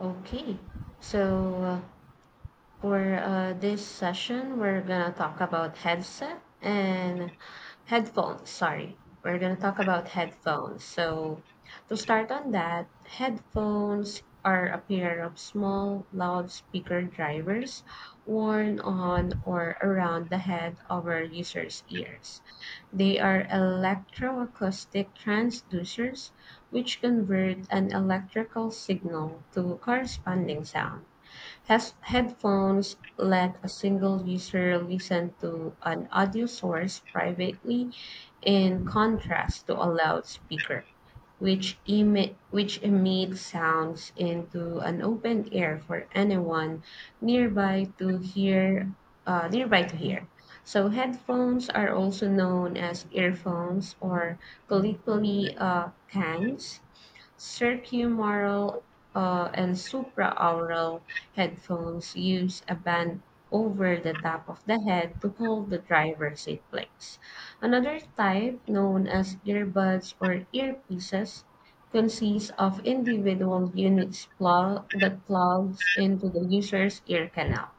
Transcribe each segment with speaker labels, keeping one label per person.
Speaker 1: Okay. So, uh, for this session, we're gonna talk about headset and headphones. Sorry, we're gonna talk about headphones. So, to start on that, headphones are a pair of small loudspeaker drivers worn on or around the head of our user's ears. They are electroacoustic transducers which convert an electrical signal to corresponding sound. Has headphones let a single user listen to an audio source privately in contrast to a loudspeaker, which emits sounds into an open air for anyone nearby to hear. Uh, nearby to hear. So headphones are also known as earphones or colloquially cans. Circumaural and supraaural headphones use a band over the top of the head to hold the driver's seat place. Another type, known as earbuds or earpieces, consists of individual units that plugs into the user's ear canal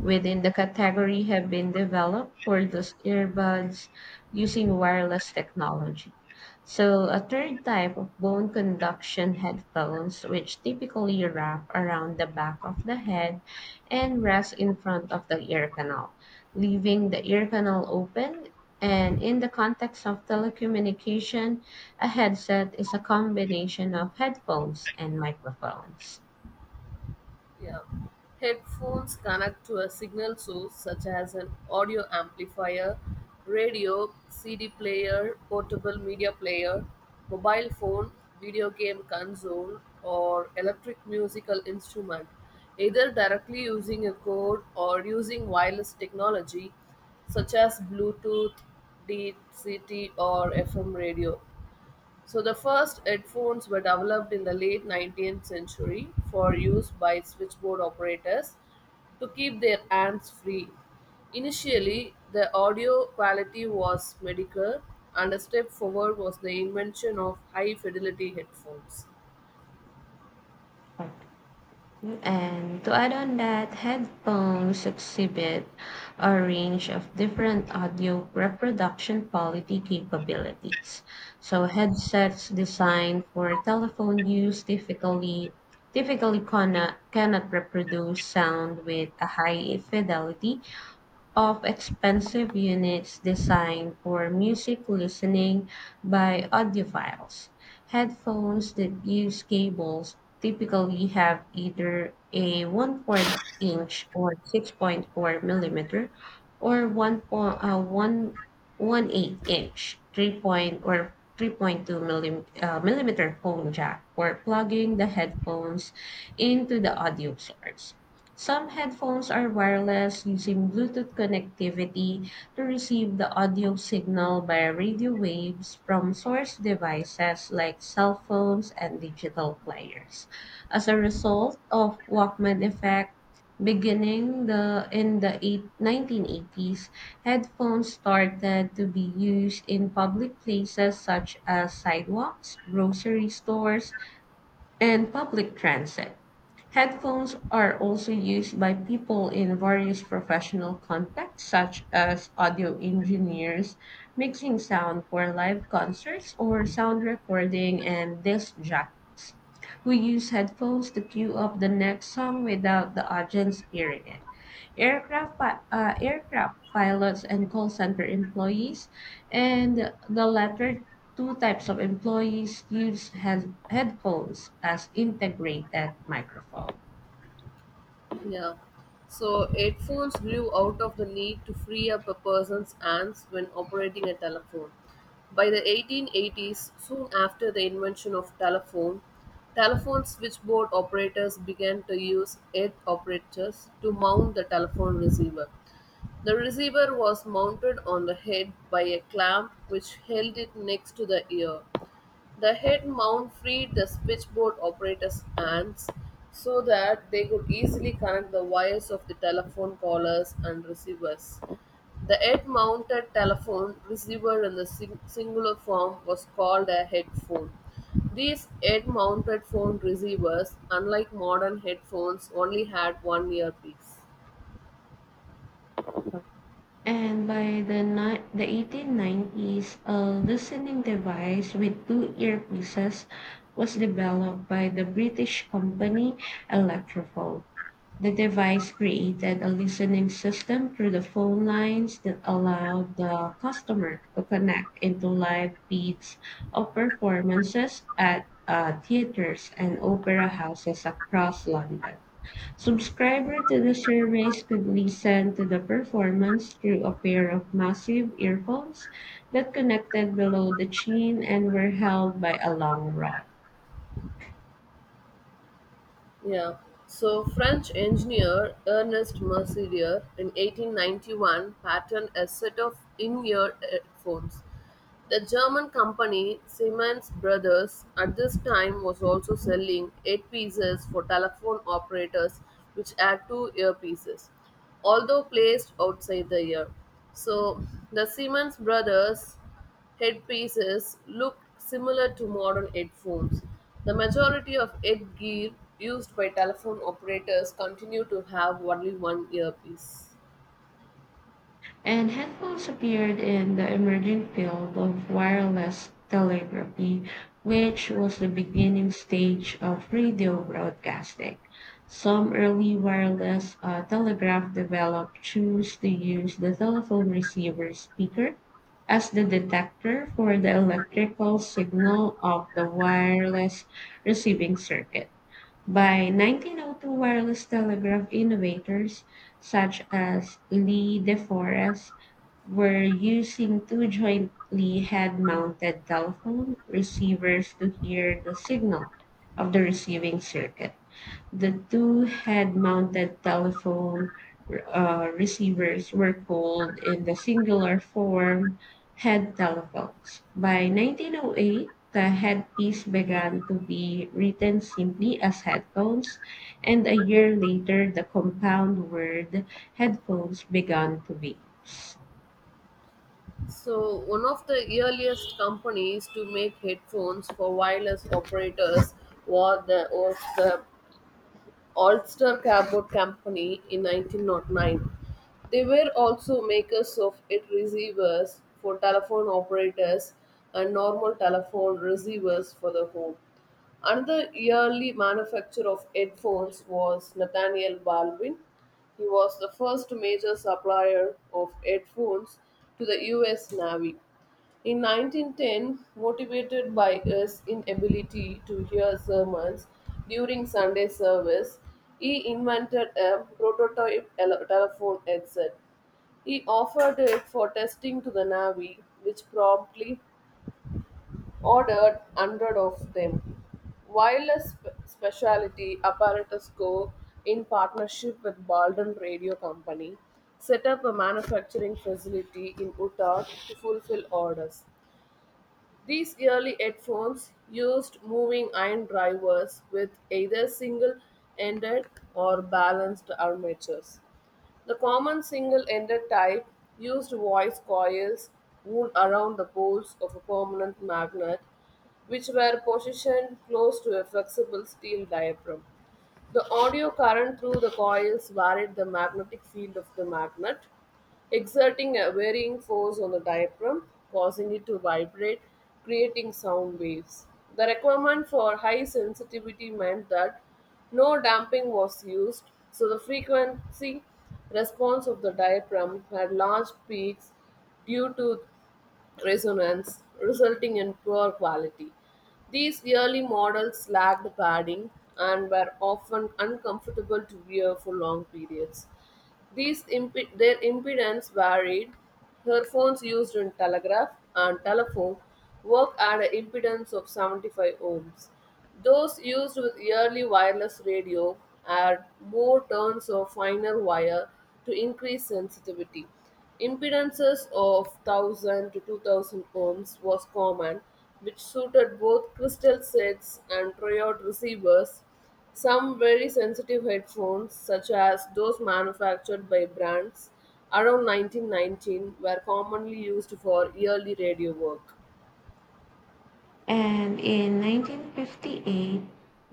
Speaker 1: within the category have been developed for those earbuds using wireless technology. So, a third type of bone conduction headphones, which typically wrap around the back of the head and rest in front of the ear canal, leaving the ear canal open. And in the context of telecommunication, a headset is a combination of headphones and microphones.
Speaker 2: Yeah. Headphones connect to a signal source such as an audio amplifier, radio, CD player, portable media player, mobile phone, video game console, or electric musical instrument, either directly using a cord or using wireless technology such as Bluetooth, DCT, or FM radio. So the first headphones were developed in the late 19th century for use by switchboard operators to keep their hands free. Initially, the audio quality was mediocre and a step forward was the invention of high fidelity headphones.
Speaker 1: And to add on that, headphones exhibit a range of different audio reproduction quality capabilities. So headsets designed for telephone use typically cannot reproduce sound with a high fidelity of expensive units designed for music listening by audiophiles. Headphones that use cables typically have either a 1/4 inch or 6.4 millimeter or 1, point 1, 1/8 inch, 3 point or 3.2 millimeter phone jack for plugging the headphones into the audio source. Some headphones are wireless using Bluetooth connectivity to receive the audio signal by radio waves from source devices like cell phones and digital players. As a result of Walkman effect, beginning the in the eight, 1980s, headphones started to be used in public places such as sidewalks, grocery stores, and public transit. Headphones are also used by people in various professional contexts, such as audio engineers mixing sound for live concerts or sound recording and disc jockeys who use headphones to cue up the next song without the audience hearing it. Aircraft pilots and call center employees, and the latter two types of employees use headphones as integrated microphone.
Speaker 2: Yeah. So headphones grew out of the need to free up a person's hands when operating a telephone. By the 1880s, soon after the invention of telephone, telephone switchboard operators began to use head operators to mount the telephone receiver. The receiver was mounted on the head by a clamp which held it next to the ear. The head mount freed the switchboard operators' hands so that they could easily connect the wires of the telephone callers and receivers. The head mounted telephone receiver in the singular form was called a headphone. These head mounted phone receivers, unlike modern headphones, only had one earpiece.
Speaker 1: And by the 1890s, a listening device with two earpieces was developed by the British company Electrophone. The device created a listening system through the phone lines that allowed the customer to connect into live feeds of performances at theaters and opera houses across London. Subscriber to the service could listen to the performance through a pair of massive earphones that connected below the chin and were held by a long rod.
Speaker 2: Yeah. So French engineer Ernest Mercier in 1891 patented a set of in-ear headphones. The German company Siemens Brothers at this time was also selling eight for telephone operators which had two earpieces, although placed outside the ear. So the Siemens Brothers Headpieces look similar to modern headphones. The majority of headgear used by telephone operators continue to have only one earpiece.
Speaker 1: And headphones appeared in the emerging field of wireless telegraphy, which was the beginning stage of radio broadcasting. Some early wireless telegraph developed chose to use the telephone receiver speaker as the detector for the electrical signal of the wireless receiving circuit. By 1902, wireless telegraph innovators such as Lee De Forest were using two jointly head mounted telephone receivers to hear the signal of the receiving circuit. The two head-mounted telephone receivers were called in the singular form head telephones. By 1908, the headpiece began to be written simply as headphones, and a year later, the compound word headphones began to be used.
Speaker 2: So, one of the earliest companies to make headphones for wireless operators was the Ulster Cabot Company in 1909. They were also makers of it receivers for telephone operators and normal telephone receivers for the home. Another early manufacturer of headphones was Nathaniel Baldwin. He was the first major supplier of headphones to the US Navy. In 1910, motivated by his inability to hear sermons during Sunday service, he invented a prototype telephone headset. He offered it for testing to the Navy, which promptly ordered 100 of them. Wireless specialty apparatus co in partnership with Baldwin Radio Company set up a manufacturing facility in Utah to fulfill orders. These early headphones used moving iron drivers with either single ended or balanced armatures. The common single ended type used voice coils wound around the poles of a permanent magnet, which were positioned close to a flexible steel diaphragm. The audio current through the coils varied the magnetic field of the magnet, exerting a varying force on the diaphragm, causing it to vibrate, creating sound waves. The requirement for high sensitivity meant that no damping was used, so the frequency response of the diaphragm had large peaks due to resonance, resulting in poor quality. These early models lacked padding and were often uncomfortable to wear for long periods. Their impedance varied. Earphones used in telegraph and telephone work at an impedance of 75 ohms. Those used with yearly wireless radio had more turns of finer wire to increase sensitivity. Impedances of 1000 to 2000 ohms was common, which suited both crystal sets and triode receivers some very sensitive headphones, such as those manufactured by brands around 1919, were commonly used for early radio work.
Speaker 1: And in 1958,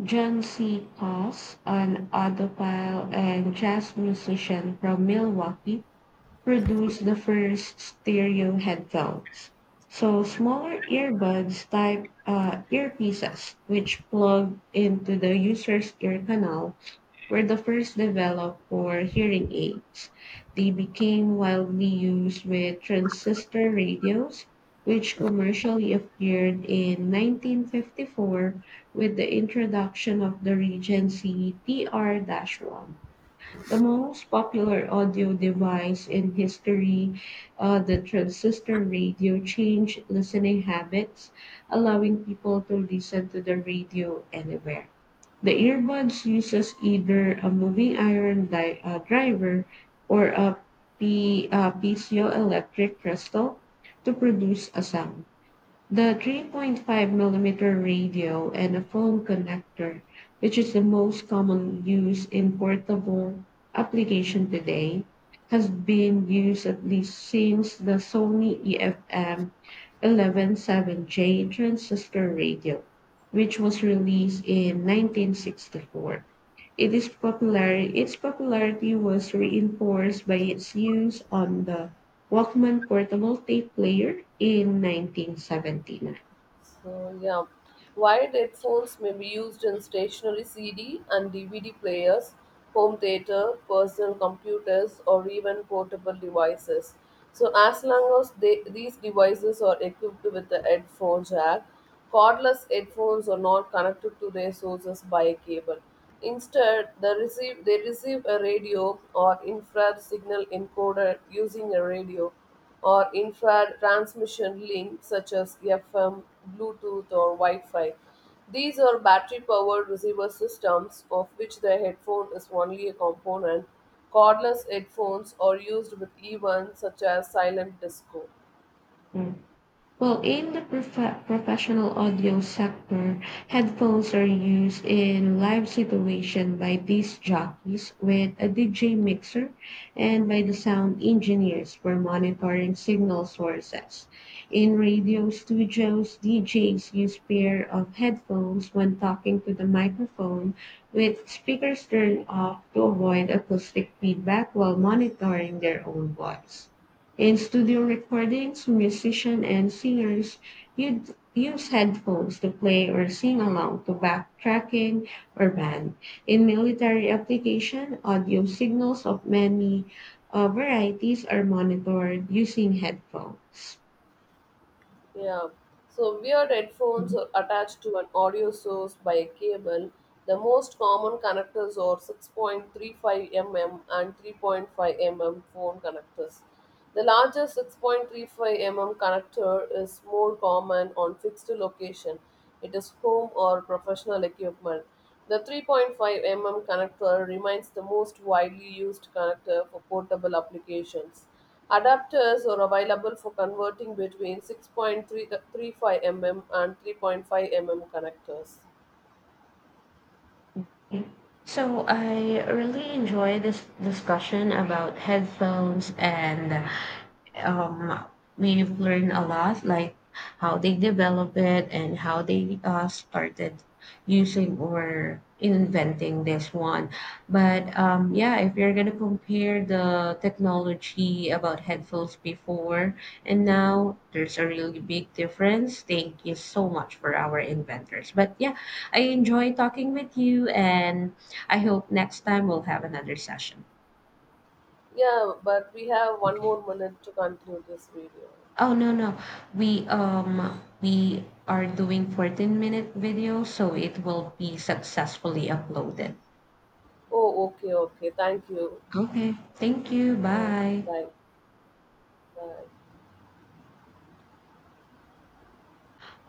Speaker 1: John C. Pass, an audiophile and jazz musician from Milwaukee, produced the first stereo headphones. So smaller earbuds type earpieces, which plug into the user's ear canal, were the first developed for hearing aids. They became widely used with transistor radios, which commercially appeared in 1954 with the introduction of the Regency TR 1. The most popular audio device in history, the transistor radio, changed listening habits, allowing people to listen to the radio anywhere. The earbuds uses either a moving iron driver or a piezoelectric crystal to produce a sound. The 3.5 millimeter radio and a phone connector, which is the most common use in portable application today, has been used at least since the Sony EFM 117J transistor radio, which was released in 1964. Its popularity was reinforced by its use on the Walkman portable tape player in 1979.
Speaker 2: So, yeah. Wired headphones may be used in stationary CD and DVD players, home theater, personal computers, or even portable devices. So, as long as these devices are equipped with a headphone jack, cordless headphones are not connected to their sources by a cable. Instead, they receive a radio or infrared signal encoder using a radio or infrared transmission links such as FM, Bluetooth, or Wi-Fi. These are battery powered receiver systems, of which the headphone is only a component. Cordless headphones are used with events such as silent disco.
Speaker 1: Well, in the professional audio sector, headphones are used in live situation by disc jockeys with a DJ mixer and by the sound engineers for monitoring signal sources. In radio studios, DJs use pair of headphones when talking to the microphone with speakers turned off to avoid acoustic feedback while monitoring their own voice. In studio recordings, musicians and singers would use headphones to play or sing along to backtracking or band. In military application, audio signals of many varieties are monitored using headphones.
Speaker 2: Yeah. So weird headphones are attached to an audio source by a cable. The most common connectors are 6.35 mm and 3.5 mm phone connectors. The larger 6.35 mm connector is more common on fixed location. It is home or professional equipment. The 3.5 mm connector remains the most widely used connector for portable applications. Adapters are available for converting between 6.35 mm and 3.5 mm connectors.
Speaker 1: Okay. So I really enjoy this discussion about headphones and um, we've learned a lot, like how they develop it and how they started using or inventing this one. But yeah, if you're gonna compare the technology about headphones before and now, there's a really big difference. Thank you so much for our inventors. But yeah, I enjoy talking with you, and I hope next time we'll have another session.
Speaker 2: Yeah, but we have one more minute to conclude this video.
Speaker 1: Oh, no, no. We um we are doing 14-minute video so it will be successfully uploaded.
Speaker 2: Oh, okay, okay. Thank you.
Speaker 1: Okay. Thank you.
Speaker 2: Yeah,
Speaker 1: Bye.
Speaker 2: bye. Bye.